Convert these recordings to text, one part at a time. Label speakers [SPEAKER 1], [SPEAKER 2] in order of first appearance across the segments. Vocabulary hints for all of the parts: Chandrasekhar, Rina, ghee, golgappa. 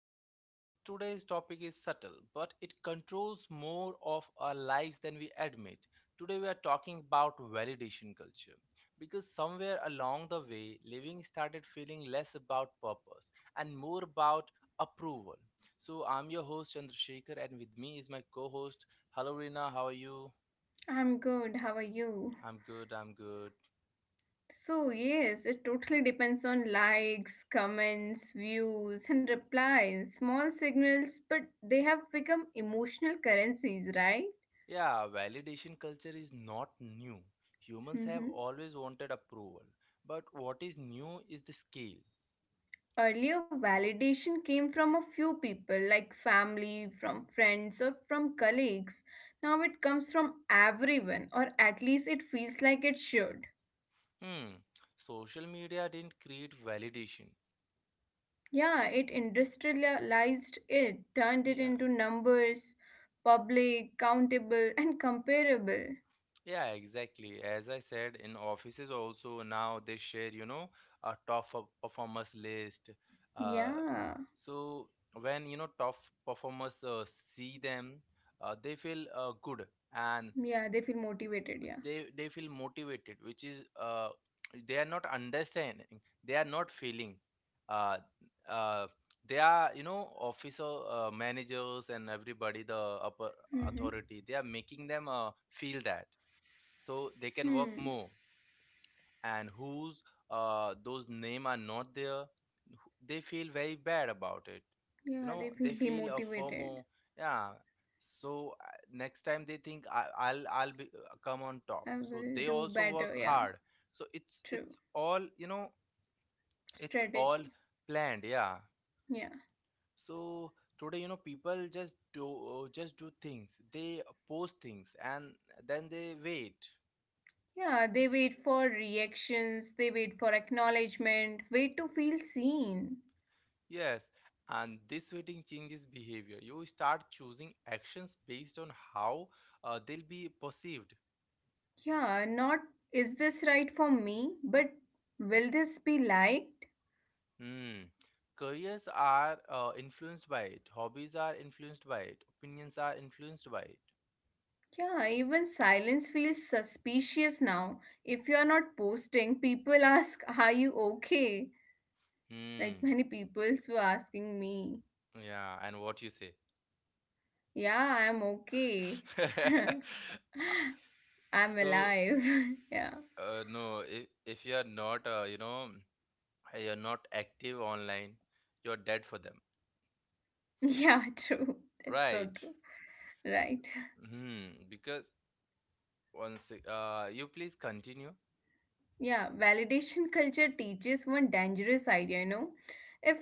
[SPEAKER 1] to the podcast. Today's topic is subtle, but it controls more of our lives than we admit. Today, we are talking about validation culture because somewhere along the way, living started feeling less about purpose and more about approval. So, I'm your host, Chandrasekhar, and with me is my co host. Hello, Rina. How are you?
[SPEAKER 2] I'm good. How are you?
[SPEAKER 1] I'm good. I'm good.
[SPEAKER 2] So yes, it totally depends on likes, comments, views, and replies. Small signals, but they have become emotional currencies, right?
[SPEAKER 1] Yeah, validation culture is not new. Humans have
[SPEAKER 2] Mm-hmm.
[SPEAKER 1] always wanted approval. But what is new is the scale.
[SPEAKER 2] Earlier, validation came from a few people, like family, from friends, or from colleagues. Now it comes from everyone, or at least it feels like it should.
[SPEAKER 1] Hmm. Social media didn't create validation.
[SPEAKER 2] Yeah, it industrialized it, turned it
[SPEAKER 1] Yeah.
[SPEAKER 2] into numbers, public, countable, and comparable.
[SPEAKER 1] Yeah, exactly. As I said, in offices also now they share, a performers list. Uh,
[SPEAKER 2] Yeah,
[SPEAKER 1] so when you know top performers see them, they feel good and
[SPEAKER 2] yeah, they feel motivated. Yeah.
[SPEAKER 1] they feel motivated, which is they are not understanding, they are not feeling uh, uh, they are, officer, managers, and everybody, the upper
[SPEAKER 2] Mm-hmm.
[SPEAKER 1] authority, they are making them feel that, so they can work
[SPEAKER 2] Hmm.
[SPEAKER 1] more. And whose those name are not there, they feel very bad about it. You
[SPEAKER 2] Yeah, they
[SPEAKER 1] know,
[SPEAKER 2] feel
[SPEAKER 1] they feel a
[SPEAKER 2] demotivated.
[SPEAKER 1] FOMO. Yeah. so uh, next time they think I'll be come on top,
[SPEAKER 2] I
[SPEAKER 1] so
[SPEAKER 2] will
[SPEAKER 1] they
[SPEAKER 2] do
[SPEAKER 1] also work
[SPEAKER 2] better. Yeah,
[SPEAKER 1] hard. So it's
[SPEAKER 2] true.
[SPEAKER 1] it's all, it's all
[SPEAKER 2] Strategy.
[SPEAKER 1] planned. Yeah.
[SPEAKER 2] Yeah.
[SPEAKER 1] So today, you know, people just do just do things, they post things and then they wait.
[SPEAKER 2] Yeah, they wait for reactions, they wait for acknowledgement, wait to feel seen.
[SPEAKER 1] Yes, and this waiting changes behavior. You start choosing actions based on how they'll be perceived.
[SPEAKER 2] Yeah, not is this right for me, but will this be liked?
[SPEAKER 1] Hmm. Careers are influenced by it, hobbies are influenced by it, opinions are influenced by it.
[SPEAKER 2] Yeah, even silence feels suspicious now. If you are not posting, people ask, are you okay? Like
[SPEAKER 1] Hmm.
[SPEAKER 2] many people were asking me,
[SPEAKER 1] Yeah, and what you say.
[SPEAKER 2] yeah, I'm okay. I'm
[SPEAKER 1] So,
[SPEAKER 2] alive. Yeah.
[SPEAKER 1] if you're not, you're not active online, you're dead for them.
[SPEAKER 2] Yeah, true. That's so
[SPEAKER 1] Right.
[SPEAKER 2] true. Right.
[SPEAKER 1] Hmm, because One sec. You please continue.
[SPEAKER 2] Yeah, validation culture teaches one dangerous idea,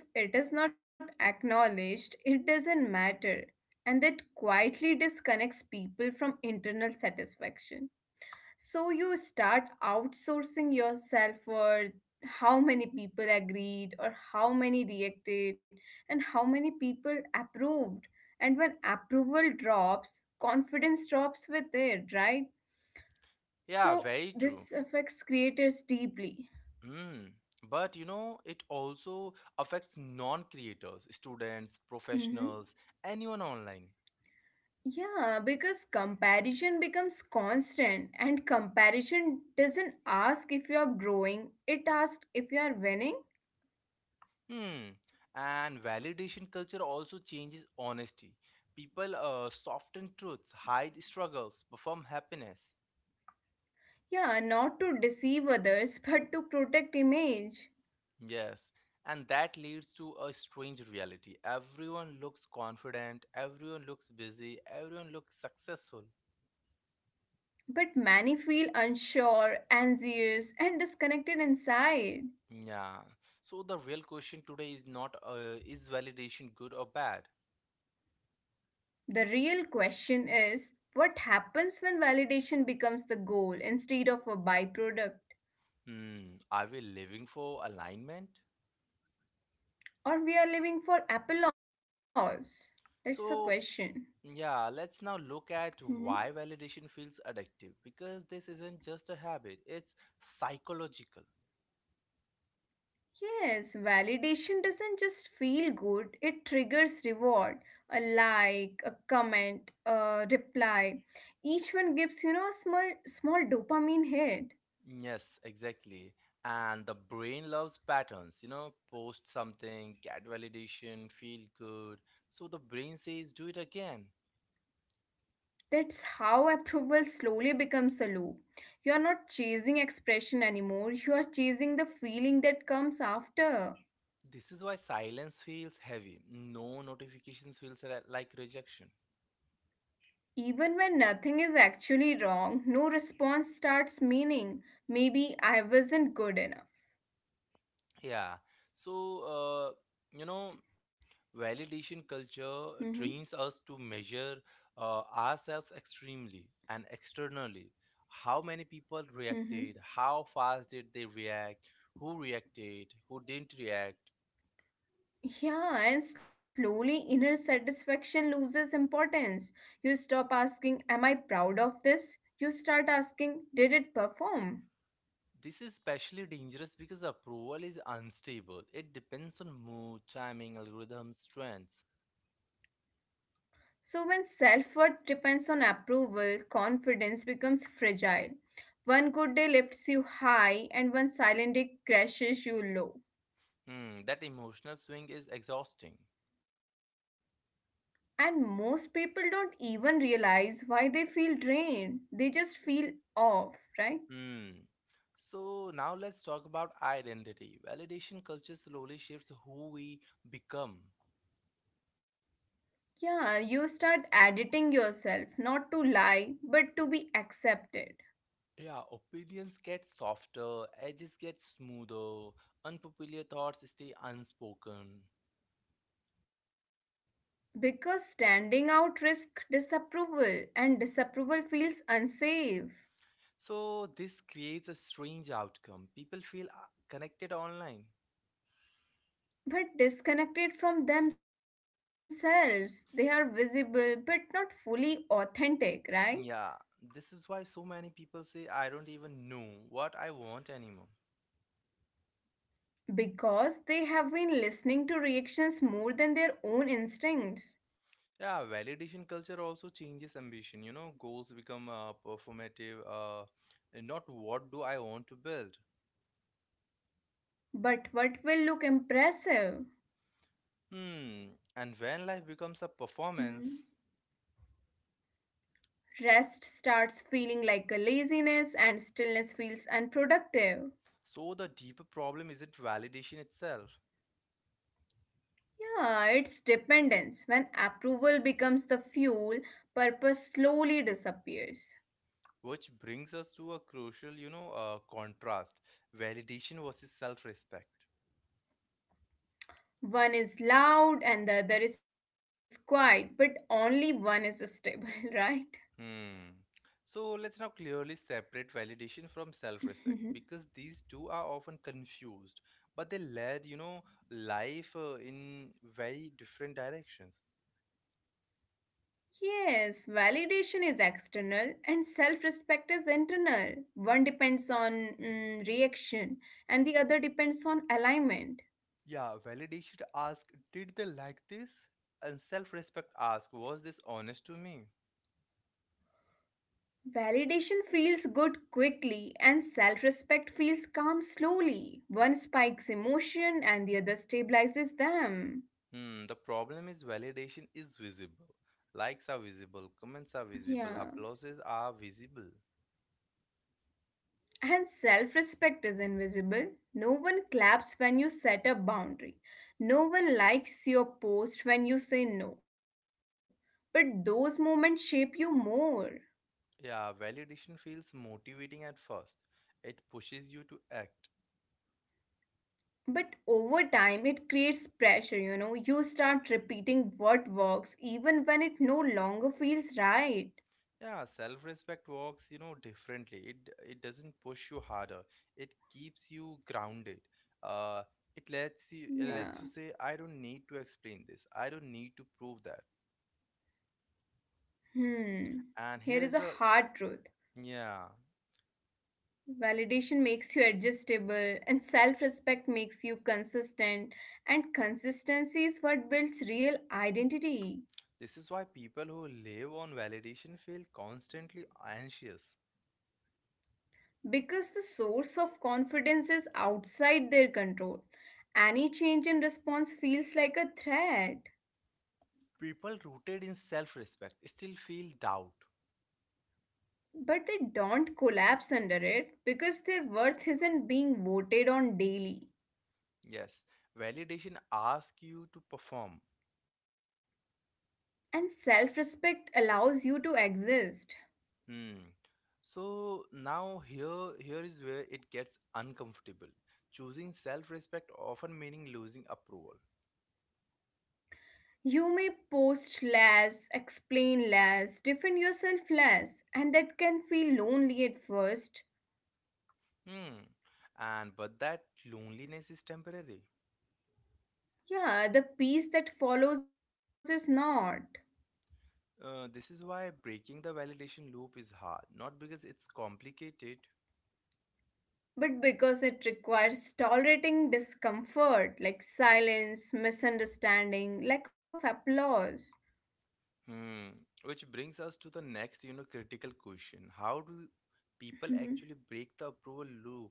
[SPEAKER 2] If it is not acknowledged, it doesn't matter. And that quietly disconnects people from internal satisfaction. So you start outsourcing yourself for how many people agreed or how many reacted and how many people approved. And when approval drops, confidence drops with it, right?
[SPEAKER 1] Yeah,
[SPEAKER 2] So
[SPEAKER 1] very true.
[SPEAKER 2] this affects creators deeply.
[SPEAKER 1] Hmm. But you know, it also affects non-creators, students,
[SPEAKER 2] Hmm.
[SPEAKER 1] professionals, anyone online.
[SPEAKER 2] Yeah, because comparison becomes constant, and comparison doesn't ask if you are growing, it asks if you are winning.
[SPEAKER 1] Hmm. And validation culture also changes honesty. People soften truths, hide struggles, perform happiness.
[SPEAKER 2] Yeah, not to deceive others, but to protect image.
[SPEAKER 1] Yes. And that leads to a strange reality. Everyone looks confident, everyone looks busy, everyone looks successful.
[SPEAKER 2] But many feel unsure, anxious, and disconnected inside.
[SPEAKER 1] Yeah. So the real question today is not, is validation good or bad?
[SPEAKER 2] The real question is what happens when validation becomes the goal instead of a byproduct?
[SPEAKER 1] Hmm, are we living for alignment?
[SPEAKER 2] Or we are living for applause? That's the question.
[SPEAKER 1] So, yeah, let's now look
[SPEAKER 2] Mm-hmm.
[SPEAKER 1] at why validation feels addictive, because this isn't just a habit, it's psychological.
[SPEAKER 2] Yes, validation doesn't just feel good, it triggers reward. A like, a comment, a reply. Each one gives, a small dopamine hit.
[SPEAKER 1] Yes, exactly. And the brain loves patterns. You know, post something, get validation, feel good. So the brain says, do it again.
[SPEAKER 2] That's how approval slowly becomes a loop. You are not chasing expression anymore, you are chasing the feeling that comes after.
[SPEAKER 1] This is why silence feels heavy. No notifications feels like rejection.
[SPEAKER 2] Even when nothing is actually wrong, no response starts meaning maybe I wasn't good enough.
[SPEAKER 1] Yeah. So, you know, validation culture
[SPEAKER 2] Mm-hmm.
[SPEAKER 1] trains us to measure ourselves extremely and externally. How many people
[SPEAKER 2] Mm-hmm.
[SPEAKER 1] reacted? How fast did they react? Who reacted? Who didn't react?
[SPEAKER 2] Yeah, and slowly inner satisfaction loses importance. You stop asking, am I proud of this? You start asking, did it perform?
[SPEAKER 1] This is especially dangerous because approval is unstable. It depends on mood, timing, algorithm, strengths.
[SPEAKER 2] So when self worth depends on approval, confidence becomes fragile. One good day lifts you high, and one silent day crashes you low.
[SPEAKER 1] Hmm, that emotional swing is exhausting.
[SPEAKER 2] And most people don't even realize why they feel drained, they just feel off, right?
[SPEAKER 1] Hmm. So now let's talk about identity. Validation culture slowly shapes who we become.
[SPEAKER 2] Yeah, you start editing yourself, not to lie, but to be accepted.
[SPEAKER 1] Yeah, opinions get softer, edges get smoother, unpopular thoughts stay unspoken.
[SPEAKER 2] Because standing out risks disapproval, and disapproval feels unsafe.
[SPEAKER 1] So this creates a strange outcome. People feel connected online.
[SPEAKER 2] But disconnected from themselves, they are visible but not fully authentic, right?
[SPEAKER 1] Yeah, this is why so many people say I don't even know what I want anymore.
[SPEAKER 2] Because they have been listening to reactions more than their own instincts.
[SPEAKER 1] Yeah, validation culture also changes ambition. You know, goals become performative. And not, what do I want to build?
[SPEAKER 2] But what will look impressive?
[SPEAKER 1] Hmm. And when life becomes a
[SPEAKER 2] Hmm.
[SPEAKER 1] performance,
[SPEAKER 2] Rest starts feeling like a laziness, and stillness feels unproductive.
[SPEAKER 1] so the deeper problem isn't validation itself,
[SPEAKER 2] Yeah, it's dependence. When approval becomes the fuel, purpose slowly disappears.
[SPEAKER 1] which brings us to a crucial, contrast: validation versus self-respect.
[SPEAKER 2] One is loud and the other is quiet, but only one is stable, right?
[SPEAKER 1] Hmm. So let's now clearly separate validation from self-respect,
[SPEAKER 2] Mhm.
[SPEAKER 1] because these two are often confused, but they lead, life in very different directions.
[SPEAKER 2] Yes, validation is external and self respect is internal. One depends on reaction and the other depends on alignment.
[SPEAKER 1] Yeah, validation asks, did they like this? And self-respect asks, was this honest to me?
[SPEAKER 2] Validation feels good quickly, and self respect feels calm slowly. One spikes emotion, and the other stabilizes them.
[SPEAKER 1] Hmm. The problem is validation is visible. Likes are visible, comments are visible,
[SPEAKER 2] Yeah.
[SPEAKER 1] applauses are visible.
[SPEAKER 2] And self respect is invisible. No one claps when you set a boundary. No one likes your post when you say no. But those moments shape you more.
[SPEAKER 1] Yeah, validation feels motivating at first. It pushes you to act.
[SPEAKER 2] But over time, it creates pressure, you know. You start repeating what works even when it no longer feels right.
[SPEAKER 1] Yeah, self-respect works, differently. It doesn't push you harder. It keeps you grounded. Uh, it lets you it
[SPEAKER 2] Yeah.
[SPEAKER 1] lets you say, I don't need to explain this. I don't need to prove that.
[SPEAKER 2] Hmm.
[SPEAKER 1] And
[SPEAKER 2] Here is
[SPEAKER 1] here's
[SPEAKER 2] a
[SPEAKER 1] a
[SPEAKER 2] hard truth.
[SPEAKER 1] yeah,
[SPEAKER 2] Validation makes you adjustable, and self respect makes you consistent. And consistency is what builds real identity.
[SPEAKER 1] this is why people who live on validation feel constantly anxious.
[SPEAKER 2] Because the source of confidence is outside their control. Any change in response feels like a threat.
[SPEAKER 1] People rooted in self-respect still feel doubt.
[SPEAKER 2] But they don't collapse under it because their worth isn't being voted on daily.
[SPEAKER 1] Yes, validation asks you to perform.
[SPEAKER 2] And self respect allows you to exist.
[SPEAKER 1] Hmm. So now here is where it gets uncomfortable. Choosing self-respect often meaning losing approval.
[SPEAKER 2] You may post less, explain less, defend yourself less, and that can feel lonely at first.
[SPEAKER 1] Hmm. And but that loneliness is temporary.
[SPEAKER 2] Yeah, the peace that follows is not.
[SPEAKER 1] This is why breaking the validation loop is hard, not because it's complicated.
[SPEAKER 2] But because it requires tolerating discomfort like silence, misunderstanding, lack of applause.
[SPEAKER 1] Hmm. Which brings us to the next, critical question. How do people
[SPEAKER 2] Mhm.
[SPEAKER 1] actually break the approval loop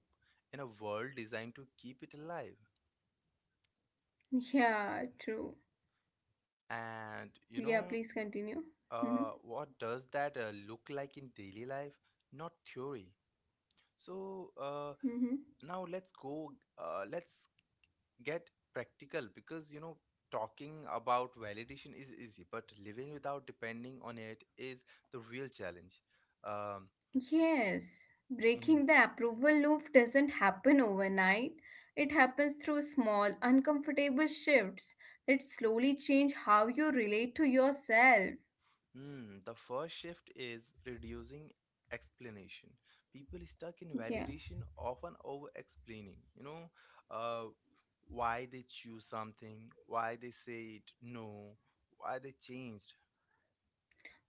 [SPEAKER 1] in a world designed to keep it alive?
[SPEAKER 2] Yeah, true. Yeah,
[SPEAKER 1] And
[SPEAKER 2] please continue. Hmm.
[SPEAKER 1] what does that look like in daily life, not theory. so uh,
[SPEAKER 2] Hmm.
[SPEAKER 1] now let's go, let's get practical, because you know, talking about validation is easy, but living without depending on it is the real challenge. Um,
[SPEAKER 2] Yes,
[SPEAKER 1] mm-hmm.
[SPEAKER 2] breaking the approval loop doesn't happen overnight. It happens through small, uncomfortable shifts that slowly change how you relate to yourself.
[SPEAKER 1] Hmm, the first shift is reducing explanation. People stuck in
[SPEAKER 2] Yeah.
[SPEAKER 1] validation often over explaining, uh, why they choose something, why they said no, why they changed.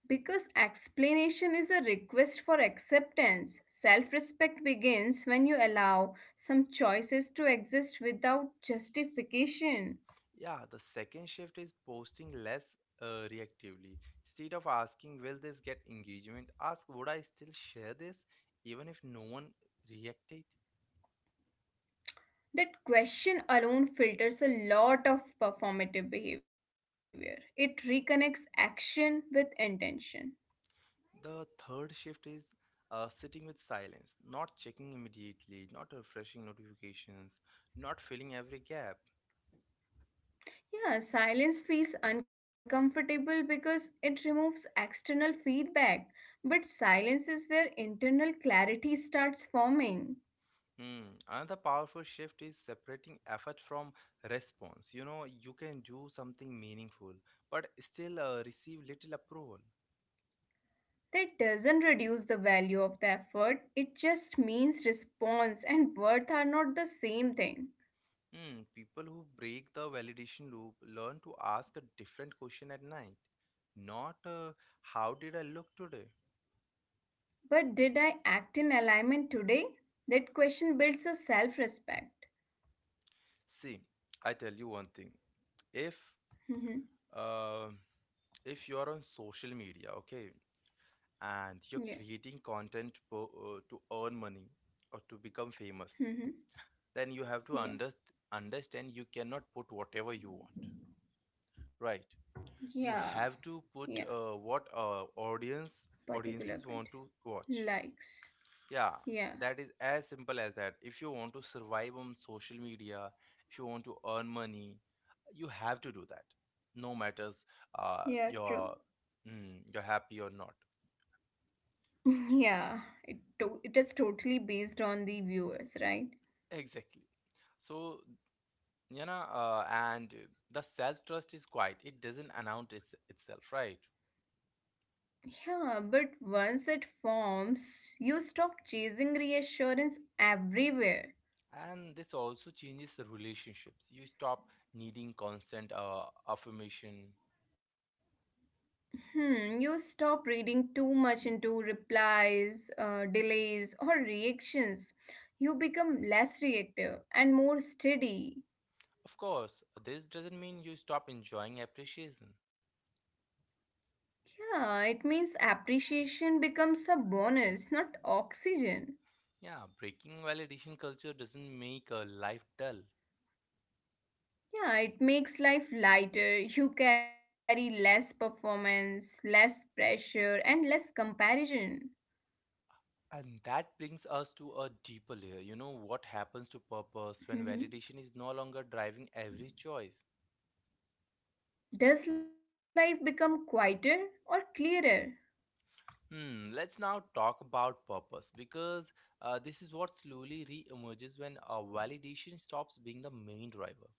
[SPEAKER 2] Because explanation is a request for acceptance. Self respect begins when you allow some choices to exist without justification.
[SPEAKER 1] Yeah, the second shift is posting less reactively. Instead of asking, will this get engagement, ask, would I still share this even if no one reacted?
[SPEAKER 2] That question alone filters a lot of performative behavior. It reconnects action with intention.
[SPEAKER 1] The third shift is sitting with silence, not checking immediately, not refreshing notifications, not filling every gap.
[SPEAKER 2] Yeah, silence feels uncomfortable because it removes external feedback, but silence is where internal clarity starts forming.
[SPEAKER 1] Hmm. Another powerful shift is separating effort from response. You know, you can do something meaningful, but still receive little approval.
[SPEAKER 2] That doesn't reduce the value of the effort, it just means response and worth are not the same thing.
[SPEAKER 1] Hmm. People who break the validation loop learn to ask a different question at night, not how did I look today?
[SPEAKER 2] But did I act in alignment today? That question builds a self respect.
[SPEAKER 1] See, I tell you one thing. If
[SPEAKER 2] Hmm.
[SPEAKER 1] uh, if you are on social media, okay, and you're
[SPEAKER 2] Yeah.
[SPEAKER 1] creating content to earn money or to become famous,
[SPEAKER 2] Hmm.
[SPEAKER 1] then you have to
[SPEAKER 2] Yeah.
[SPEAKER 1] understand, you cannot put whatever you want, right?
[SPEAKER 2] Yeah.
[SPEAKER 1] You have to
[SPEAKER 2] Yeah.
[SPEAKER 1] put what
[SPEAKER 2] Particular
[SPEAKER 1] audiences
[SPEAKER 2] content.
[SPEAKER 1] want to watch.
[SPEAKER 2] Likes.
[SPEAKER 1] Yeah,
[SPEAKER 2] Yeah.
[SPEAKER 1] that is as simple as that. If you want to survive on social media, if you want to earn money, you have to do that. No matters
[SPEAKER 2] Yeah.
[SPEAKER 1] uh,
[SPEAKER 2] True.
[SPEAKER 1] you're you're happy or not.
[SPEAKER 2] Yeah, it is totally based on the viewers, right?
[SPEAKER 1] Exactly. So you know, and the self trust is quiet. It doesn't announce itself, right?
[SPEAKER 2] Yeah, but once it forms, you stop chasing reassurance everywhere.
[SPEAKER 1] And this also changes the relationships. You stop needing constant affirmation.
[SPEAKER 2] Hmm, you stop reading too much into replies, delays, or reactions. You become less reactive and more steady.
[SPEAKER 1] Of course, this doesn't mean you stop enjoying appreciation.
[SPEAKER 2] Yeah, it means appreciation becomes a bonus, not oxygen.
[SPEAKER 1] Yeah, breaking validation culture doesn't make a life dull.
[SPEAKER 2] Yeah, it makes life lighter. You carry less performance, less pressure, and less comparison.
[SPEAKER 1] And that brings us to a deeper layer. You know what happens to purpose when
[SPEAKER 2] Mhm.
[SPEAKER 1] validation is no longer driving every choice?
[SPEAKER 2] Does life become quieter or clearer?
[SPEAKER 1] Hmm, let's now talk about purpose, because this is what slowly re emerges when validation stops being the main driver.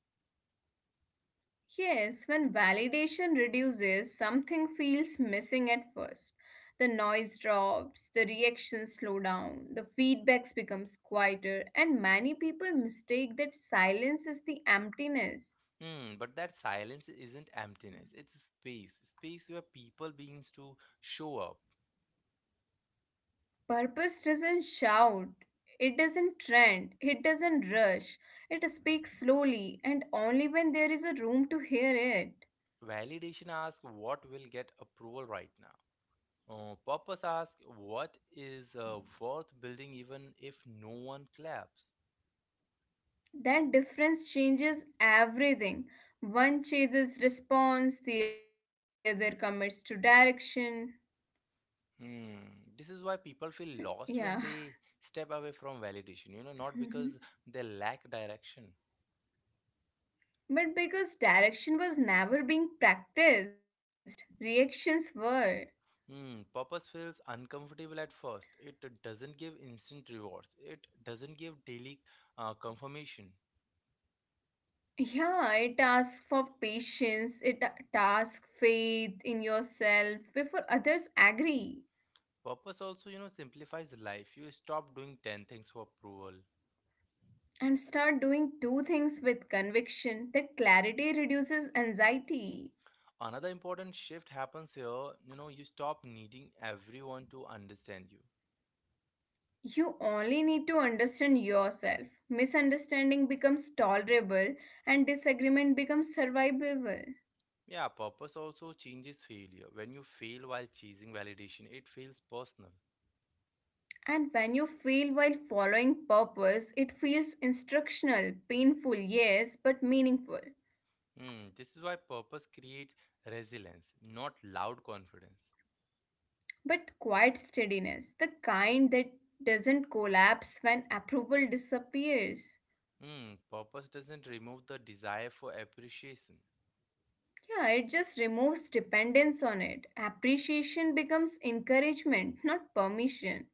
[SPEAKER 2] Yes, when validation reduces, something feels missing at first. The noise drops, the reactions slow down, the feedbacks becomes quieter, and many people mistake that silence is the emptiness.
[SPEAKER 1] Hmm, but that silence isn't emptiness, it's space. Space where people begins to show up.
[SPEAKER 2] Purpose doesn't shout, it doesn't trend, it doesn't rush, it speaks slowly and only when there is a room to hear it.
[SPEAKER 1] Validation asks what will get approval right now. Poppers asks, what is worth building even if no one claps?
[SPEAKER 2] That difference changes everything. One chases response, the other commits to direction.
[SPEAKER 1] Hmm. This is why people feel lost when
[SPEAKER 2] Yeah.
[SPEAKER 1] they step away from validation, you know, not because
[SPEAKER 2] Mhm.
[SPEAKER 1] they lack direction.
[SPEAKER 2] But because direction was never being practiced, reactions were.
[SPEAKER 1] Hmm. Purpose feels uncomfortable at first. It doesn't give instant rewards, it doesn't give daily confirmation.
[SPEAKER 2] Yeah, it asks for patience, it asks faith in yourself before others agree.
[SPEAKER 1] Purpose also, you know, simplifies life. You stop doing 10 things for approval.
[SPEAKER 2] And start doing two things with conviction that clarity reduces anxiety.
[SPEAKER 1] Another important shift happens here. You know, you stop needing everyone to understand you.
[SPEAKER 2] You only need to understand yourself. Misunderstanding becomes tolerable and disagreement becomes survivable.
[SPEAKER 1] Yeah, purpose also changes failure. When you fail while chasing validation, it feels personal.
[SPEAKER 2] And when you fail while following purpose, it feels instructional, painful, yes, but meaningful.
[SPEAKER 1] Hmm, this is why purpose creates resilience, not loud confidence.
[SPEAKER 2] But quiet steadiness, the kind that doesn't collapse when approval disappears.
[SPEAKER 1] Hmm, purpose doesn't remove the desire for appreciation.
[SPEAKER 2] Yeah, it just removes dependence on it. Appreciation becomes encouragement, not permission.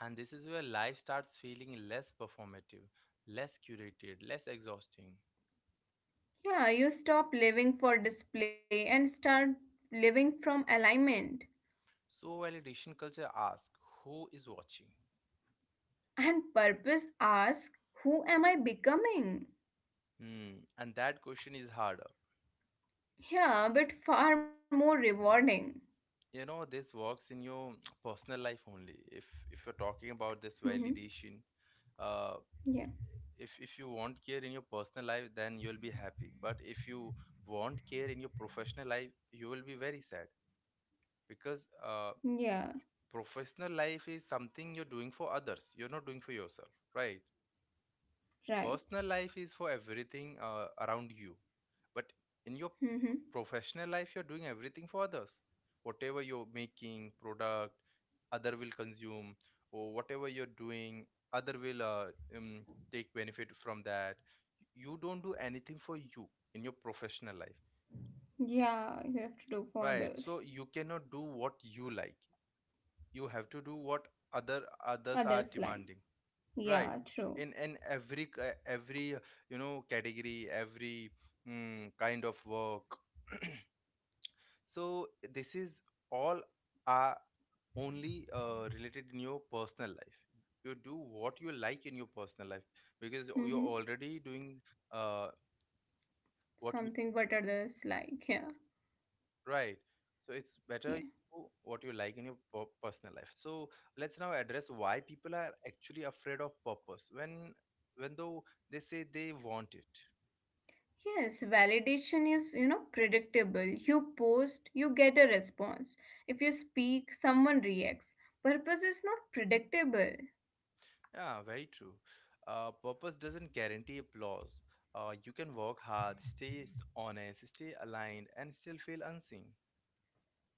[SPEAKER 1] And this is where life starts feeling less performative, less curated, less exhausting.
[SPEAKER 2] Yeah, you stop living for display and start living from alignment.
[SPEAKER 1] So, validation culture asks, who is watching?
[SPEAKER 2] And purpose asks, who am I becoming?
[SPEAKER 1] Hmm, and that question is harder.
[SPEAKER 2] Yeah, but far more rewarding.
[SPEAKER 1] You know, this works in your personal life only if you're talking about this
[SPEAKER 2] Mm-hmm.
[SPEAKER 1] validation, uh
[SPEAKER 2] Yeah,
[SPEAKER 1] if you want care in your personal life, then you'll be happy, but if you want care in your professional life, you will be very sad, because
[SPEAKER 2] yeah,
[SPEAKER 1] professional life is something you're doing for others, you're not doing for yourself, right?
[SPEAKER 2] right.
[SPEAKER 1] Personal life is for everything around you, but in your
[SPEAKER 2] Mm-hmm.
[SPEAKER 1] professional life, you're doing everything for others. Whatever you're making product, other will consume, or whatever you're doing, other will um, take benefit from that. You don't do anything for you in your professional life.
[SPEAKER 2] Yeah, you have to do for
[SPEAKER 1] Right,
[SPEAKER 2] others.
[SPEAKER 1] so you cannot do what you like, you have to do what other others are
[SPEAKER 2] Others like.
[SPEAKER 1] demanding. Right.
[SPEAKER 2] Yeah, true.
[SPEAKER 1] In every category, every kind of work. So this is all are only related in your personal life. You do what you like in your personal life, because you're
[SPEAKER 2] Mm-hmm.
[SPEAKER 1] already doing uh, what you
[SPEAKER 2] Something what others like. Yeah,
[SPEAKER 1] right. So it's better
[SPEAKER 2] yeah.
[SPEAKER 1] you do what you like in your personal life. So let's now address why people are actually afraid of purpose when though they say they want it.
[SPEAKER 2] Yes, validation is, predictable. You post, you get a response. If you speak, someone reacts. Purpose is not predictable.
[SPEAKER 1] Yeah, very true. Purpose doesn't guarantee applause. You can work hard, stay honest, stay aligned, and still feel unseen.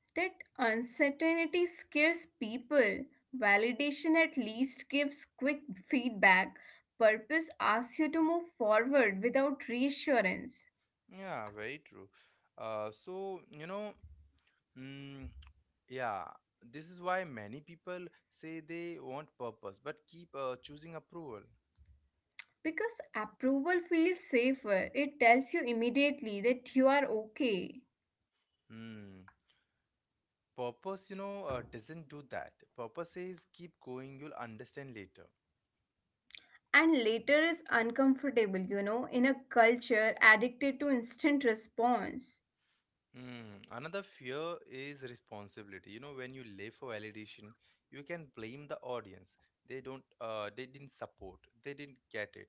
[SPEAKER 2] That uncertainty scares people. Validation at least gives quick feedback. Purpose asks you to move forward without reassurance.
[SPEAKER 1] Yeah, very true. So, mm, yeah, this is why many people say they want purpose but keep choosing approval.
[SPEAKER 2] Because approval feels safer, it tells you immediately that you are okay.
[SPEAKER 1] Hmm. Purpose, doesn't do that. Purpose says keep going, you'll understand later.
[SPEAKER 2] And later is uncomfortable, in a culture addicted to instant response.
[SPEAKER 1] Hmm. Another fear is responsibility. You know, when you live for validation, you can blame the audience. They don't. They didn't support. They didn't get it.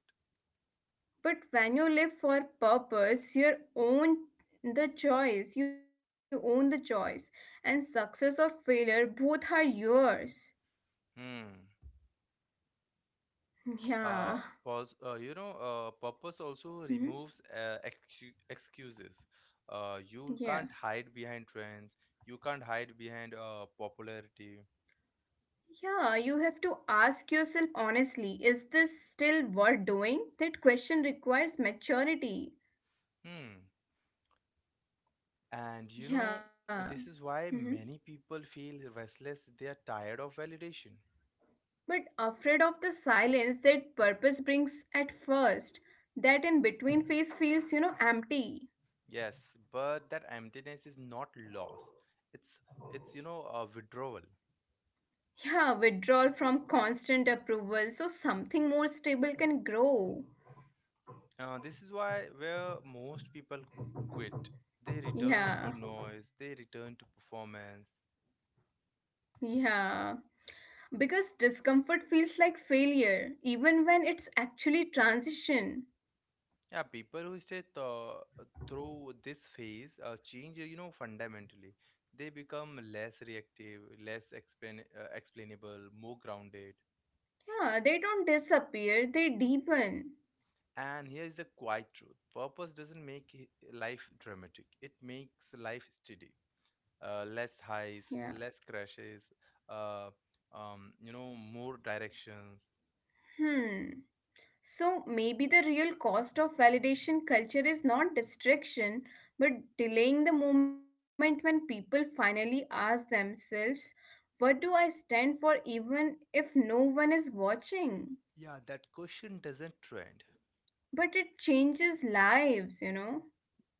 [SPEAKER 2] But when you live for purpose, you own the choice, and success or failure both are yours.
[SPEAKER 1] Hmm.
[SPEAKER 2] Yeah.
[SPEAKER 1] Uh, Purpose also
[SPEAKER 2] Mhm.
[SPEAKER 1] removes excuses. You
[SPEAKER 2] Yeah,
[SPEAKER 1] can't hide behind trends. You can't hide behind popularity.
[SPEAKER 2] yeah. You have to ask yourself honestly, is this still worth doing? That question requires maturity.
[SPEAKER 1] Hmm. And you know,
[SPEAKER 2] Yeah.
[SPEAKER 1] this is
[SPEAKER 2] Mm-hmm.
[SPEAKER 1] why many people feel restless. They are tired of validation.
[SPEAKER 2] But afraid of the silence that purpose brings at first. That in between phase feels, empty.
[SPEAKER 1] Yes, but that emptiness is not loss. It's it's a withdrawal.
[SPEAKER 2] Yeah, withdrawal from constant approval, so something more stable can grow.
[SPEAKER 1] This is why where most people quit. They return to
[SPEAKER 2] Yeah,
[SPEAKER 1] noise. They return to performance.
[SPEAKER 2] yeah. Because discomfort feels like failure, even when it's actually transition.
[SPEAKER 1] Yeah, people who stay through this phase change. You know, fundamentally, they become less reactive, less explainable, more grounded.
[SPEAKER 2] Yeah, they don't disappear, they deepen.
[SPEAKER 1] And here is the quiet truth: purpose doesn't make life dramatic. It makes life steady. Less
[SPEAKER 2] Yeah.
[SPEAKER 1] highs, less crashes, uh, more directions.
[SPEAKER 2] Hmm. So maybe the real cost of validation culture is not distraction, but delaying the moment when people finally ask themselves, what do I stand for even if no one is watching?
[SPEAKER 1] Yeah, that question doesn't trend.
[SPEAKER 2] But it changes lives, you know?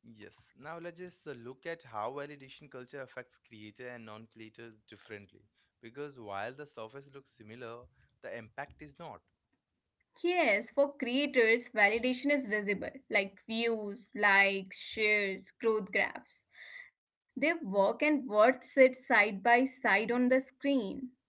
[SPEAKER 1] Yes. Now let's just look at how validation culture affects creator and non-creators differently. Because while the surface looks similar, the impact is not.
[SPEAKER 2] Yes, for creators, validation is visible, like views, likes, shares, growth graphs. Their work and worth sit side by side on the screen.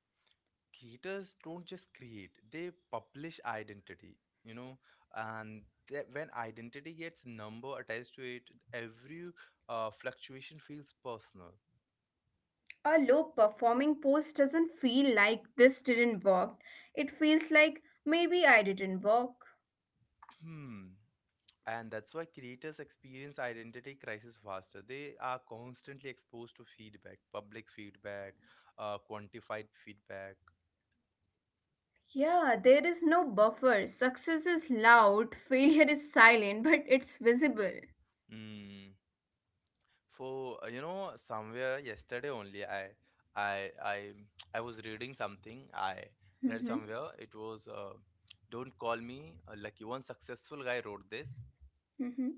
[SPEAKER 1] Creators don't just create; they publish identity. You know, and that when identity gets number attached to it, every fluctuation feels personal.
[SPEAKER 2] A low performing post doesn't feel like this didn't work. It feels like maybe I didn't work.
[SPEAKER 1] Hmm. And that's why creators experience identity crisis faster. They are constantly exposed to feedback, public feedback, quantified feedback.
[SPEAKER 2] Yeah, there is no buffer. Success is loud, failure is silent, but it's visible.
[SPEAKER 1] Mm. For you know, somewhere yesterday only, I, I, I was reading something. I read
[SPEAKER 2] Mm-hmm.
[SPEAKER 1] somewhere. It was, "Don't call me lucky." One successful guy wrote this.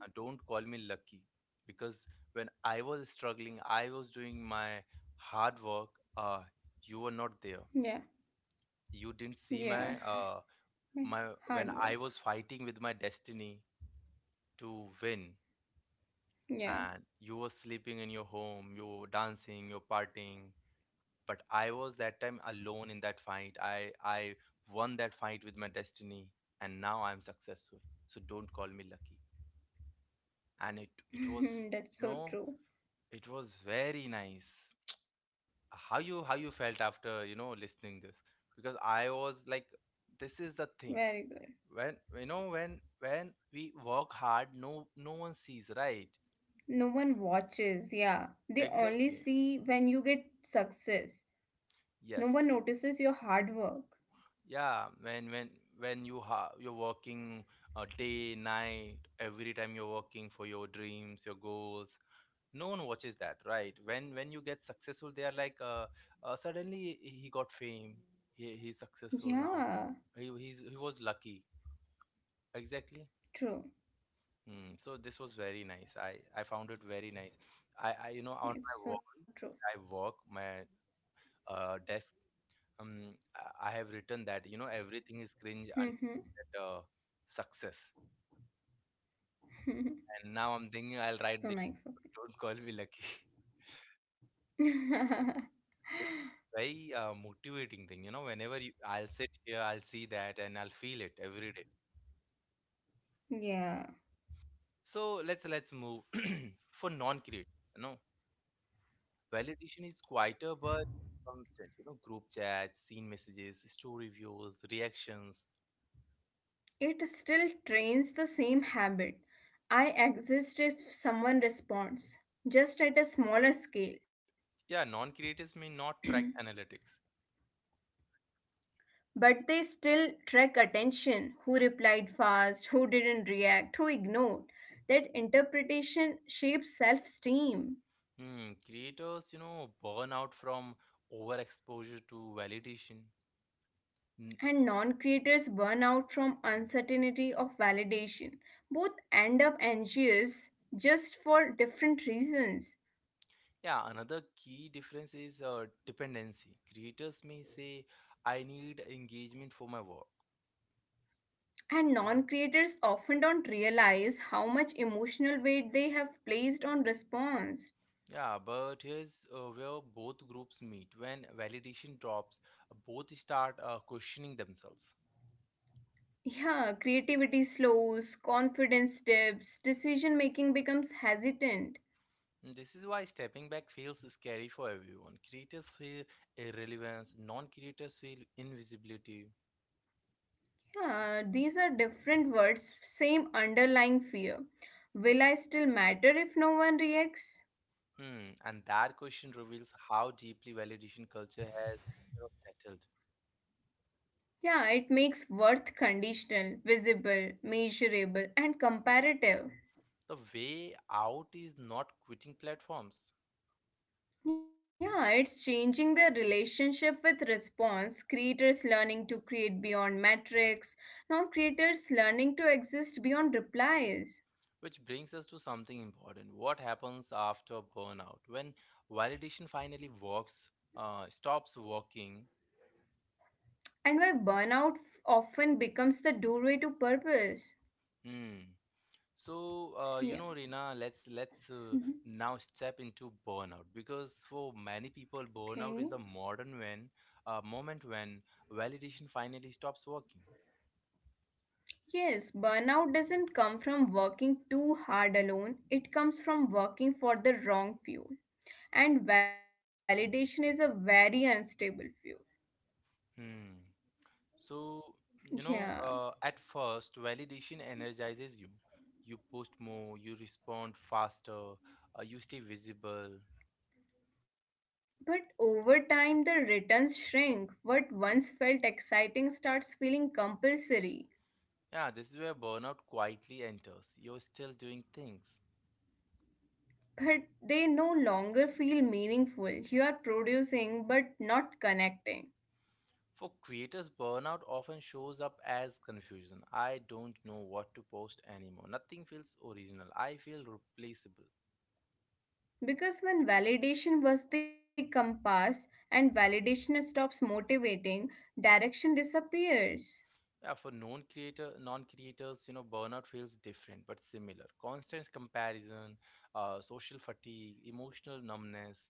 [SPEAKER 2] Mm-hmm.
[SPEAKER 1] "Don't call me lucky," because when I was struggling, I was doing my hard work. Uh, you were not
[SPEAKER 2] Yeah.
[SPEAKER 1] there, you didn't see
[SPEAKER 2] Yeah.
[SPEAKER 1] my uh
[SPEAKER 2] My
[SPEAKER 1] my
[SPEAKER 2] hard
[SPEAKER 1] when I was
[SPEAKER 2] work.
[SPEAKER 1] fighting with my destiny to win, and
[SPEAKER 2] Yeah.
[SPEAKER 1] you were sleeping in your home, you were dancing, you're partying, but I was that time alone in that fight. I won that fight with my destiny, and now I'm successful. So don't call me lucky. And
[SPEAKER 2] That's
[SPEAKER 1] you
[SPEAKER 2] so
[SPEAKER 1] know,
[SPEAKER 2] true.
[SPEAKER 1] it was very nice. How you felt after, you know, listening this? Because I was like, this is
[SPEAKER 2] Very
[SPEAKER 1] the
[SPEAKER 2] good.
[SPEAKER 1] thing, when you know, when we work hard, no no one sees, right?
[SPEAKER 2] No one watches. Yeah. They only
[SPEAKER 1] Exactly.
[SPEAKER 2] see when you get success. No
[SPEAKER 1] Yes.
[SPEAKER 2] one notices your hard work.
[SPEAKER 1] Yeah, when you're working day, night, every time you're working for your dreams, your goals, no one watches that, right? When you get successful, they are like, suddenly he got fame, he's successful now,
[SPEAKER 2] Yeah.
[SPEAKER 1] he's he was lucky. Exactly.
[SPEAKER 2] True.
[SPEAKER 1] Mm, so this was very nice. I found it very nice. I you know on
[SPEAKER 2] Yeah,
[SPEAKER 1] my
[SPEAKER 2] it's
[SPEAKER 1] wall,
[SPEAKER 2] so true.
[SPEAKER 1] I work my desk. Um, I have written that, you know, everything is cringe and that, success. And now I'm thinking I'll
[SPEAKER 2] It's
[SPEAKER 1] write this.
[SPEAKER 2] so nice of
[SPEAKER 1] Don't call me lucky.
[SPEAKER 2] you.
[SPEAKER 1] It's very motivating thing, you know. Whenever you, I'll sit here, I'll see that, and I'll feel it every day.
[SPEAKER 2] Yeah.
[SPEAKER 1] So let's move for non-creators. No, validation is quieter but constant. You know, group chats, scene messages, story views, reactions.
[SPEAKER 2] It still trains the same habit. I exist if someone responds, just at a smaller scale.
[SPEAKER 1] Yeah, non creators may not track analytics.
[SPEAKER 2] But they still track attention, who replied fast, who didn't react, who ignored. That interpretation shapes self esteem.
[SPEAKER 1] Hmm, creators, you know, burn out from overexposure to validation. Hmm,
[SPEAKER 2] And non-creators burn out from uncertainty of validation, both end up anxious just for different reasons.
[SPEAKER 1] Yeah, another key difference is dependency. Creators may say, I need engagement for my work.
[SPEAKER 2] And non-creators often don't realize how much emotional weight they have placed on response.
[SPEAKER 1] Yeah, but here's where both groups meet. When validation drops, both start questioning themselves.
[SPEAKER 2] Yeah, creativity slows, confidence dips, decision making becomes hesitant.
[SPEAKER 1] This is why stepping back feels scary for everyone. Creators feel irrelevance, non creators feel invisibility.
[SPEAKER 2] Yeah, these are different words, same underlying fear, will I still matter if no one reacts.
[SPEAKER 1] Hmm. And that question reveals how deeply validation culture has, you know, settled.
[SPEAKER 2] Yeah, it makes worth conditional, visible, measurable, and comparative.
[SPEAKER 1] The way out is not quitting platforms.
[SPEAKER 2] Yeah, it's changing the relationship with response, creators learning to create beyond metrics, non creators learning to exist beyond replies,
[SPEAKER 1] Which brings us to something important. What happens after burnout? When validation finally stops working.
[SPEAKER 2] and why burnout often becomes the doorway to purpose.
[SPEAKER 1] Hmm, So, Rina,
[SPEAKER 2] Yeah.
[SPEAKER 1] let's now
[SPEAKER 2] Mhm.
[SPEAKER 1] step into burnout, because for many people, burnout is the
[SPEAKER 2] Okay.
[SPEAKER 1] modern when moment when validation finally stops working.
[SPEAKER 2] Yes, burnout doesn't come from working too hard alone, it comes from working for the wrong fuel. And validation is a very unstable field.
[SPEAKER 1] Hmm. So,
[SPEAKER 2] Yeah.
[SPEAKER 1] at first, validation energizes you. You post more, you respond faster, you stay visible.
[SPEAKER 2] But over time, the returns shrink. What once felt exciting starts feeling compulsory.
[SPEAKER 1] Yeah, this is where burnout quietly enters. You're still doing things.
[SPEAKER 2] But they no longer feel meaningful. You are producing but not connecting.
[SPEAKER 1] For creators, burnout often shows up as confusion. I don't know what to post anymore. Nothing feels original. I feel replaceable.
[SPEAKER 2] Because when validation was the compass and validation stops motivating, direction disappears.
[SPEAKER 1] Yeah, for non creators, you know, burnout feels different but similar. Constant comparison, social fatigue, emotional numbness.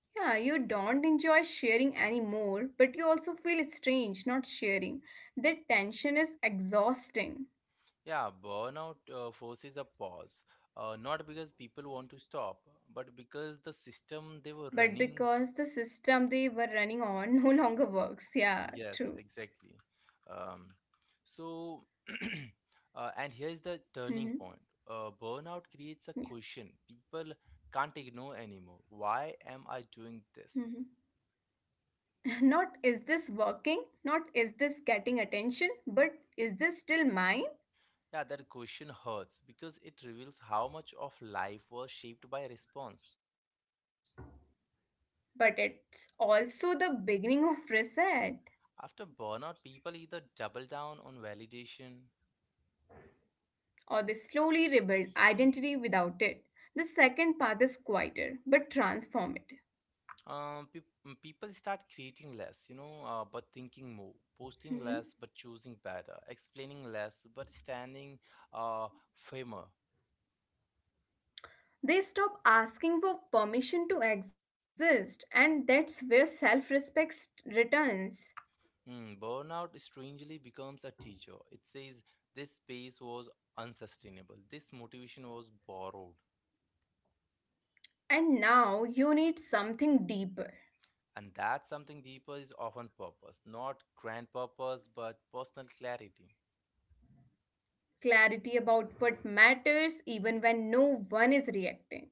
[SPEAKER 2] Yeah, you don't enjoy sharing anymore, but you also feel strange not sharing. That tension is exhausting.
[SPEAKER 1] Yeah, burnout forces a pause. Not because people want to stop, but because the system they were
[SPEAKER 2] But
[SPEAKER 1] running.
[SPEAKER 2] because the system they were running on no longer works. Yeah,
[SPEAKER 1] Yes,
[SPEAKER 2] true.
[SPEAKER 1] exactly. Um, so, and here's the turning point.
[SPEAKER 2] Hmm.
[SPEAKER 1] Burnout creates a
[SPEAKER 2] Yeah.
[SPEAKER 1] question people can't ignore anymore. Why am I doing this?
[SPEAKER 2] Hmm. Not is this working? Not is this getting attention? But is this still mine?
[SPEAKER 1] Yeah, that question hurts because it reveals how much of life was shaped by response.
[SPEAKER 2] But it's also the beginning of reset,
[SPEAKER 1] After burnout, people either double down on validation.
[SPEAKER 2] or they slowly rebuild identity without it. The second path is quieter but transformative.
[SPEAKER 1] People start creating less, but thinking more, posting
[SPEAKER 2] Mhm.
[SPEAKER 1] less but choosing better, explaining less but standing uh, firmer.
[SPEAKER 2] They stop asking for permission to exist, and that's where self respect returns.
[SPEAKER 1] Mm, burnout strangely becomes a teacher. It says this space was unsustainable, this motivation was borrowed.
[SPEAKER 2] And now you need something deeper,
[SPEAKER 1] And that something deeper is often purpose, not grand purpose but personal clarity.
[SPEAKER 2] clarity about what matters, even when no one is reacting.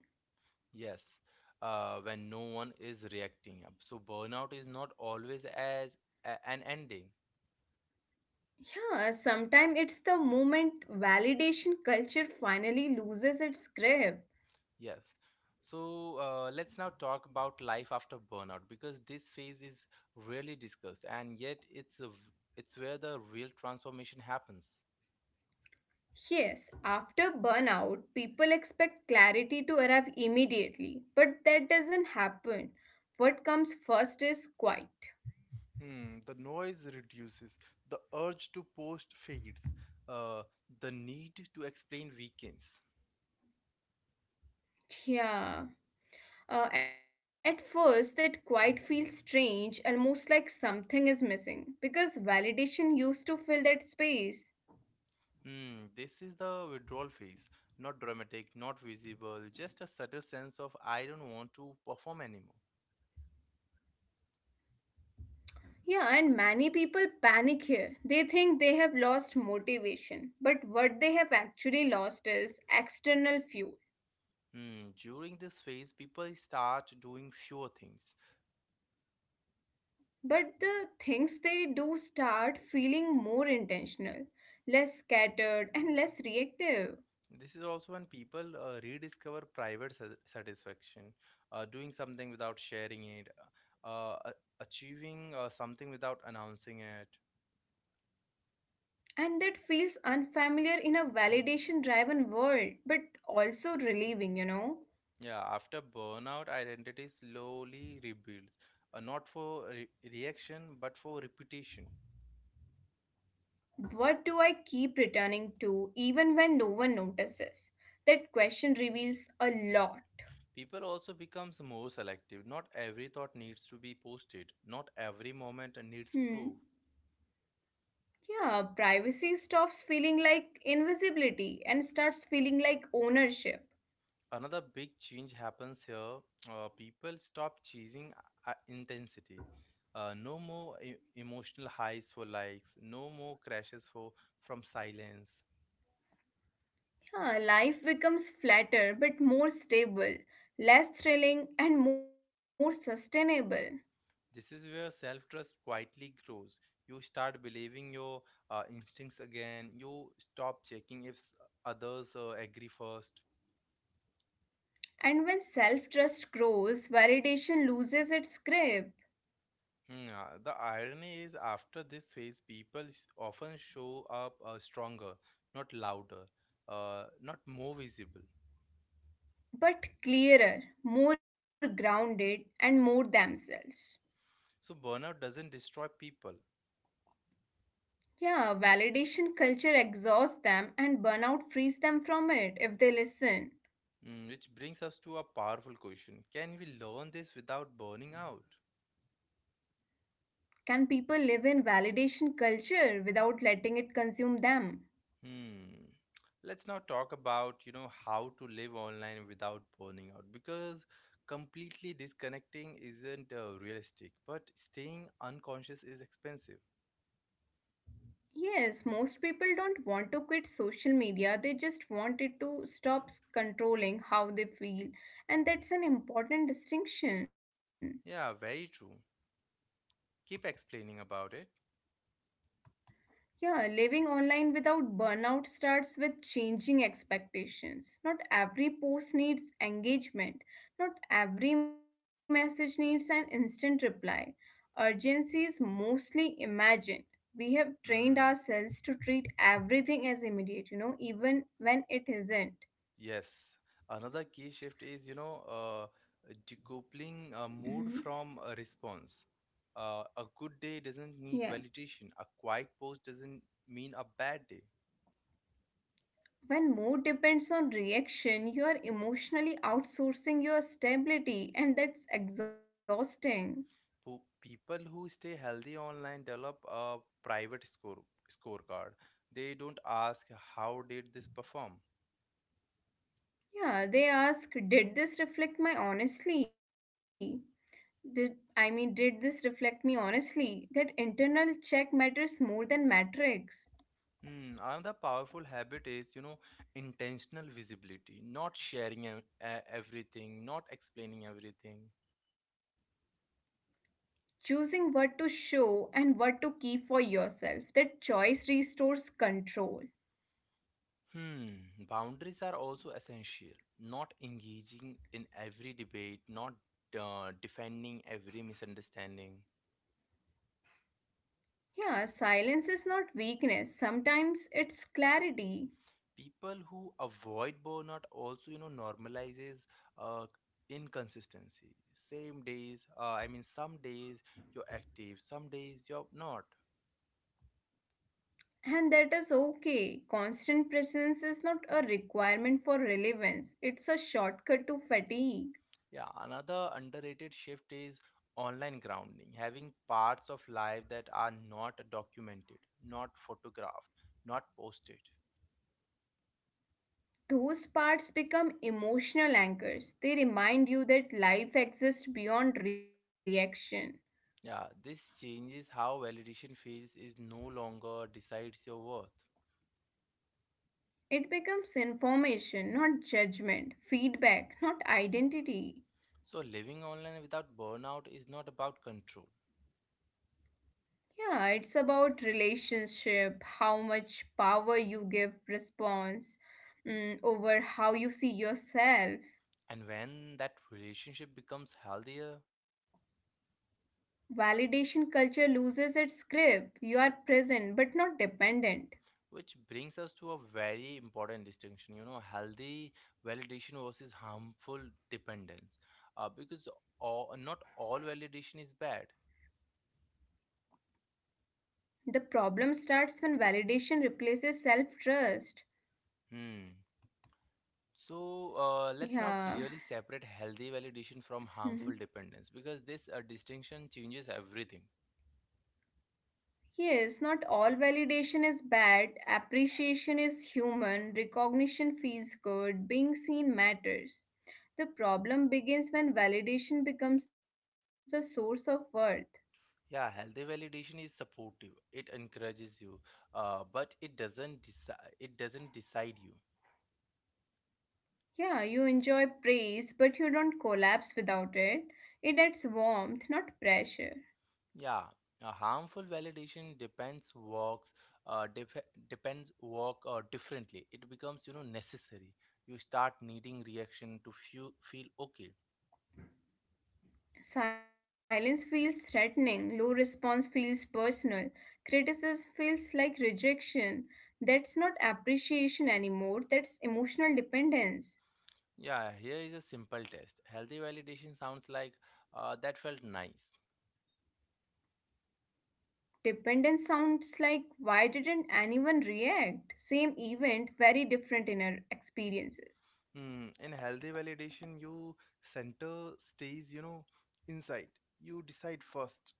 [SPEAKER 1] Yes, when no one is reacting. So, burnout is not always as an ending.
[SPEAKER 2] Yeah, sometimes it's the moment validation culture finally loses its grip.
[SPEAKER 1] Yes. So let's now talk about life after burnout, because this phase is rarely discussed and yet it's it's where the real transformation happens.
[SPEAKER 2] Yes, after burnout, people expect clarity to arrive immediately, but that doesn't happen. What comes first is quiet.
[SPEAKER 1] Hmm, the noise reduces, the urge to post fades, uh, the need to explain weekends.
[SPEAKER 2] Yeah. At first, that quite feels strange, almost like something is missing, because validation used to fill that space.
[SPEAKER 1] Hmm, this is the withdrawal phase. Not dramatic, not visible, just a subtle sense of I don't want to perform anymore.
[SPEAKER 2] Yeah, and many people panic here. They think they have lost motivation, but what they have actually lost is external fuel.
[SPEAKER 1] Hmm, during this phase, people start doing fewer things.
[SPEAKER 2] But the things they do start feeling more intentional, less scattered, and less reactive.
[SPEAKER 1] This is also when people rediscover private satisfaction, doing something without sharing it, uh, a- achieving something without announcing it.
[SPEAKER 2] And that feels unfamiliar in a validation driven world, but also relieving.
[SPEAKER 1] Yeah, after burnout, identity slowly rebuilds, not for reaction but for repetition.
[SPEAKER 2] What do I keep returning to even when no one notices? That question reveals a lot.
[SPEAKER 1] People also becomes more selective. Not every thought needs to be posted. Not every moment needs
[SPEAKER 2] Hmm.
[SPEAKER 1] proof.
[SPEAKER 2] Yeah, privacy stops feeling like invisibility and starts feeling like ownership.
[SPEAKER 1] Another big change happens here. People stop chasing intensity. No more emotional highs for likes. No more crashes for from silence.
[SPEAKER 2] Yeah, life becomes flatter but more stable, less thrilling and more sustainable.
[SPEAKER 1] This is where self trust quietly grows. You start believing your instincts again. You stop checking if others agree first.
[SPEAKER 2] And when self trust grows, validation loses its grip.
[SPEAKER 1] Hmm, the irony is, after this phase, people often show up stronger, not louder, not more visible.
[SPEAKER 2] But clearer, more grounded, and more themselves.
[SPEAKER 1] So, burnout doesn't destroy people.
[SPEAKER 2] Yeah, validation culture exhausts them and burnout frees them from it if they listen.
[SPEAKER 1] Mm, which brings us to a powerful question: can we learn this without burning out?
[SPEAKER 2] Can people live in validation culture without letting it consume them?
[SPEAKER 1] Hmm. Let's now talk about, you know, how to live online without burning out, because completely disconnecting isn't realistic, but staying unconscious is expensive.
[SPEAKER 2] Yes, most people don't want to quit social media, they just want it to stop controlling how they feel, and that's an important distinction.
[SPEAKER 1] Yeah, very true. Keep explaining about it.
[SPEAKER 2] Yeah, living online without burnout starts with changing expectations. Not every post needs engagement, not every message needs an instant reply. Urgency is mostly imagined. We have trained
[SPEAKER 1] Hmm.
[SPEAKER 2] ourselves to treat everything as immediate, even when it isn't.
[SPEAKER 1] Yes. Another key shift is, decoupling
[SPEAKER 2] Mhm.
[SPEAKER 1] mood from a response. A good day doesn't
[SPEAKER 2] Yeah.
[SPEAKER 1] need validation. A quiet post doesn't mean a bad day.
[SPEAKER 2] When more depends on reaction, you are emotionally outsourcing your stability, and that's exhausting.
[SPEAKER 1] People who stay healthy online develop a private scorecard. They don't ask how did this perform.
[SPEAKER 2] Yeah, they ask, did this reflect my honestly? Did I mean did this reflect me honestly? That internal check matters more than metrics.
[SPEAKER 1] Hmm, another powerful habit is, you know, intentional visibility. Not sharing everything. Not explaining everything.
[SPEAKER 2] Choosing what to show and what to keep for yourself, that choice restores control.
[SPEAKER 1] Hmm, boundaries are also essential. Not engaging in every debate, not defending every misunderstanding.
[SPEAKER 2] Yeah, silence is not weakness. Sometimes it's clarity.
[SPEAKER 1] People who avoid burnout also, you know, normalizes uh, inconsistency. Same days, I mean, Some days you're active, some days you're not.
[SPEAKER 2] And that is okay. Constant presence is not a requirement for relevance. It's a shortcut to fatigue.
[SPEAKER 1] Yeah, another underrated shift is online grounding, having parts of life that are not documented, not photographed, not posted.
[SPEAKER 2] Those parts become emotional anchors. They remind you that life exists beyond reaction.
[SPEAKER 1] Yeah, this changes how validation feels, is no longer decides your worth.
[SPEAKER 2] It becomes information, not judgment, feedback, not identity.
[SPEAKER 1] So living online without burnout is not about control.
[SPEAKER 2] Yeah, it's about relationship, how much power you give response, over how you see yourself.
[SPEAKER 1] And when that relationship becomes healthier,
[SPEAKER 2] Validation culture loses its grip. You are present but not dependent.
[SPEAKER 1] which brings us to a very important distinction, you know, healthy validation versus harmful dependence. Because all, not all validation is bad.
[SPEAKER 2] The problem starts when validation replaces self trust.
[SPEAKER 1] Hmm. So let's now
[SPEAKER 2] Yeah.
[SPEAKER 1] clearly separate healthy validation from
[SPEAKER 2] Mhm.
[SPEAKER 1] harmful dependence, because this distinction changes everything.
[SPEAKER 2] Yes, not all validation is bad. Appreciation is human. Recognition feels good. Being seen matters. The problem begins when validation becomes the source of worth.
[SPEAKER 1] Yeah, healthy validation is supportive. It encourages you, but it doesn't decide. It doesn't decide you.
[SPEAKER 2] Yeah, you enjoy praise, but you don't collapse without it. It adds warmth, not pressure.
[SPEAKER 1] Yeah, a harmful validation depends works. Depends work differently. It becomes, you know, necessary. You start needing reaction to feel okay.
[SPEAKER 2] Silence feels threatening, low response feels personal, criticism feels like rejection. That's not appreciation anymore, that's emotional dependence.
[SPEAKER 1] Yeah, here is a simple test. Healthy validation sounds like that felt nice.
[SPEAKER 2] Dependence sounds like why didn't anyone react? Same event, very different inner experiences.
[SPEAKER 1] Mm, in healthy validation, you center stays, you know, inside. You decide first.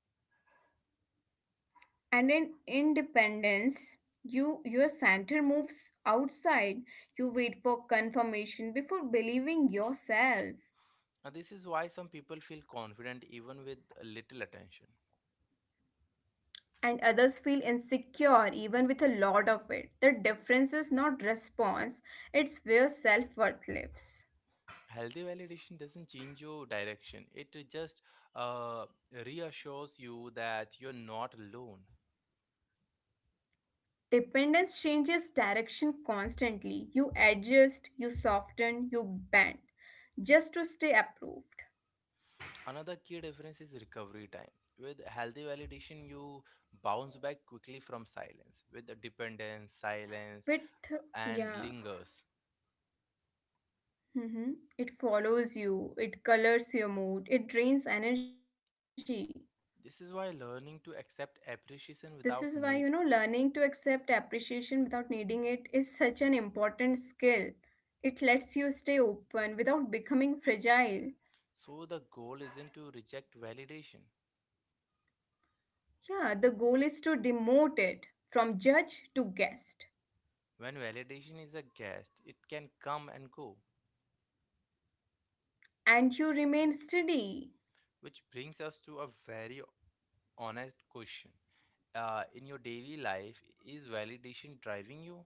[SPEAKER 2] And in independence, you your center moves outside. You wait for confirmation before believing yourself.
[SPEAKER 1] Now, this is why some people feel confident even with little attention.
[SPEAKER 2] And others feel insecure even with a lot of it. The difference is not response, it's where self worth lives.
[SPEAKER 1] Healthy validation doesn't change your direction, it just uh, reassures you that you're not alone.
[SPEAKER 2] Dependence changes direction constantly. You adjust, you soften, you bend just to stay approved.
[SPEAKER 1] Another key difference is recovery time. With healthy validation, you bounce back quickly from silence, with the dependence, silence,
[SPEAKER 2] With,
[SPEAKER 1] and
[SPEAKER 2] yeah,
[SPEAKER 1] lingers.
[SPEAKER 2] it follows you, it colors your mood, it drains energy.
[SPEAKER 1] This is why learning to accept
[SPEAKER 2] This is why, you
[SPEAKER 1] appreciation
[SPEAKER 2] know,
[SPEAKER 1] without
[SPEAKER 2] learning
[SPEAKER 1] need.
[SPEAKER 2] to accept appreciation without needing it is such an important skill. It lets you stay open without becoming fragile.
[SPEAKER 1] So, the goal isn't to reject validation.
[SPEAKER 2] Yeah, the goal is to demote it from judge to guest,
[SPEAKER 1] When validation is a guest, it can come and go,
[SPEAKER 2] and you remain steady.
[SPEAKER 1] which brings us to a very honest question. In your daily life, is validation driving you?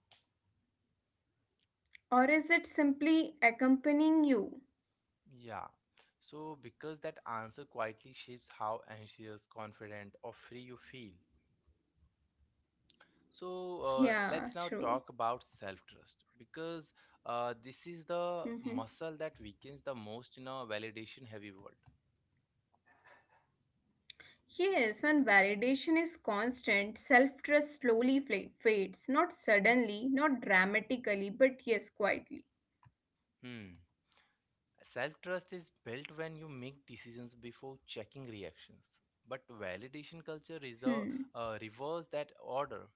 [SPEAKER 2] Or is it simply accompanying you?
[SPEAKER 1] Yeah. So, because that answer quietly shapes how anxious, confident, or free you feel. So,
[SPEAKER 2] Yeah, true.
[SPEAKER 1] let's now talk about self trust, because this is the
[SPEAKER 2] Hmm.
[SPEAKER 1] muscle that weakens the most in a validation heavy world.
[SPEAKER 2] Yes, when validation is constant, self trust slowly fades, not suddenly, not dramatically, but yes, quietly.
[SPEAKER 1] Hmm. Self trust is built when you make decisions before checking reactions. But validation culture reserve,
[SPEAKER 2] Hmm.
[SPEAKER 1] uh, reverse that order.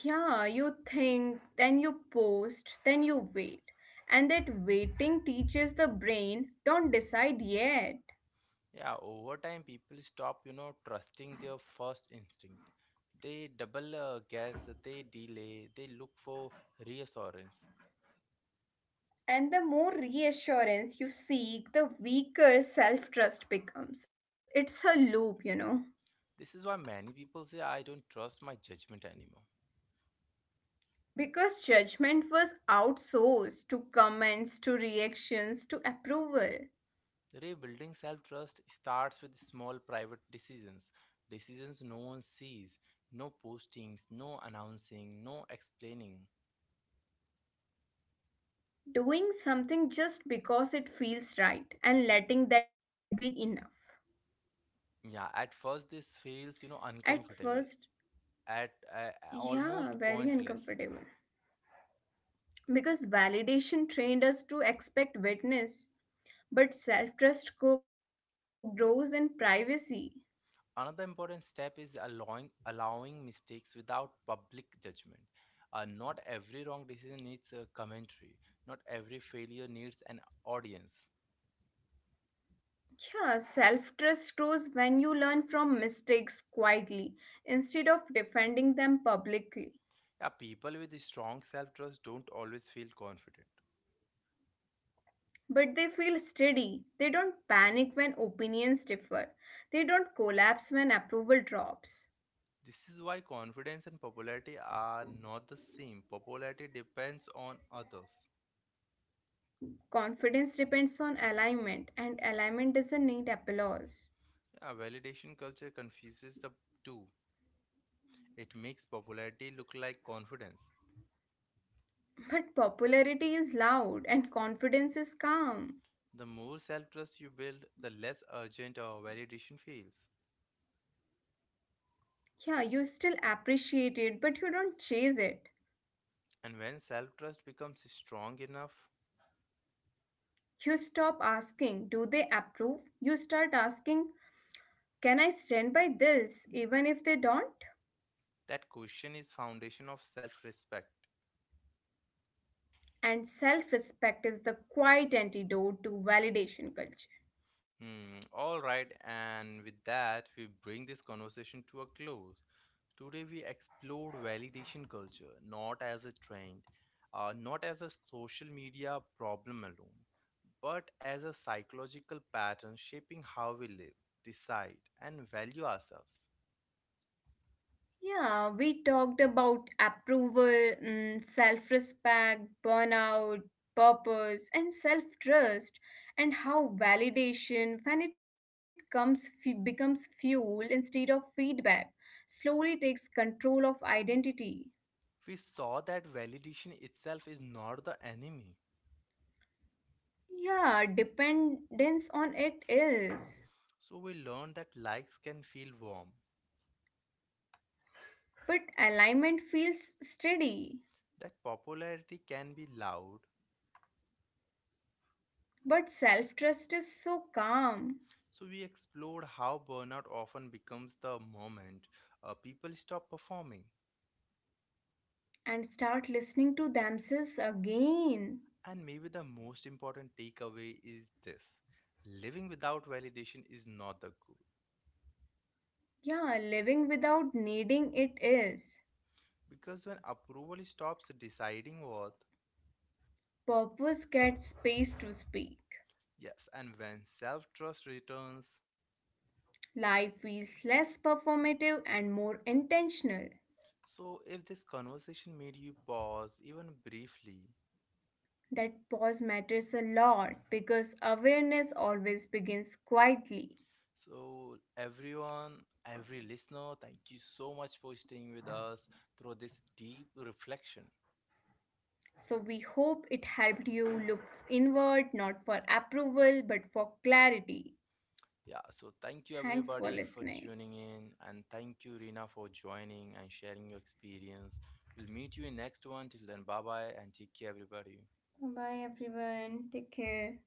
[SPEAKER 2] Yeah, you think, then you post, then you wait. And that waiting teaches the brain, don't decide yet.
[SPEAKER 1] Yeah, over time, people stop, you know, trusting their first instinct. They double guess, they delay, they look for reassurance.
[SPEAKER 2] And the more reassurance you seek, the weaker self trust becomes. It's a loop.
[SPEAKER 1] This is why many people say, I don't trust my judgment anymore.
[SPEAKER 2] Because judgment was outsourced to comments, to reactions, to approval.
[SPEAKER 1] Rebuilding self trust starts with small private decisions, decisions no one sees, no postings, no announcing, no explaining.
[SPEAKER 2] Doing something just because it feels right and letting that be enough.
[SPEAKER 1] Yeah, at first this feels, you know,
[SPEAKER 2] At
[SPEAKER 1] uncomfortable,
[SPEAKER 2] first,
[SPEAKER 1] at
[SPEAKER 2] yeah,
[SPEAKER 1] almost
[SPEAKER 2] very
[SPEAKER 1] pointless.
[SPEAKER 2] uncomfortable. Because validation trained us to expect witness, but self-trust grows in privacy.
[SPEAKER 1] Another important step is allowing mistakes without public judgment. Not every wrong decision needs a commentary. Not every failure needs an audience.
[SPEAKER 2] Yeah, self-trust grows when you learn from mistakes quietly instead of defending them publicly.
[SPEAKER 1] Yeah, people with strong self trust don't always feel confident.
[SPEAKER 2] But they feel steady, they don't panic when opinions differ, they don't collapse when approval drops.
[SPEAKER 1] This is why confidence and popularity are not the same. Popularity depends on others.
[SPEAKER 2] Confidence depends on alignment, and alignment doesn't need applause.
[SPEAKER 1] Yeah, validation culture confuses the two. It makes popularity look like confidence.
[SPEAKER 2] But popularity is loud and confidence is calm.
[SPEAKER 1] The more self trust you build, the less urgent our validation feels.
[SPEAKER 2] Yeah, you still appreciate it, but you don't chase it.
[SPEAKER 1] And when self trust becomes strong enough,
[SPEAKER 2] You stop asking, do they approve? You start asking, can I stand by this, even if they don't?
[SPEAKER 1] that question is foundation of self respect.
[SPEAKER 2] And self respect is the quiet antidote to validation culture.
[SPEAKER 1] Hmm, all right, and with that, we bring this conversation to a close. Today, we explore validation culture not as a trend, not as a social media problem alone, but as a psychological pattern shaping how we live, decide, and value ourselves.
[SPEAKER 2] Yeah, we talked about approval, self respect, burnout, purpose, and self trust, and how validation, when it comes, becomes fuel instead of feedback, slowly takes control of identity.
[SPEAKER 1] We saw that validation itself is not the enemy,
[SPEAKER 2] Yeah, dependence on it is.
[SPEAKER 1] so we learned that likes can feel warm,
[SPEAKER 2] But alignment feels steady.
[SPEAKER 1] that popularity can be loud.
[SPEAKER 2] But self trust is so calm
[SPEAKER 1] So, we explored how burnout often becomes the moment people stop performing.
[SPEAKER 2] and start listening to themselves again.
[SPEAKER 1] And maybe the most important takeaway is this: living without validation is not the goal.
[SPEAKER 2] Yeah, living without needing it is.
[SPEAKER 1] Because when approval stops deciding worth,
[SPEAKER 2] Purpose gets space to speak.
[SPEAKER 1] yes, and when self trust returns,
[SPEAKER 2] Life feels less performative and more intentional.
[SPEAKER 1] so if this conversation made you pause even briefly,
[SPEAKER 2] That pause matters a lot because awareness always begins quietly.
[SPEAKER 1] so everyone, every listener, thank you so much for staying with us through this deep reflection.
[SPEAKER 2] So, we hope it helped you look inward not for approval but for clarity.
[SPEAKER 1] Yeah, so thank you
[SPEAKER 2] Thanks for
[SPEAKER 1] everybody for
[SPEAKER 2] listening.
[SPEAKER 1] tuning in, and thank you Rina for joining and sharing your experience. We'll meet you in next one. Till then, bye bye and take care everybody.
[SPEAKER 2] Bye, everyone. Take care.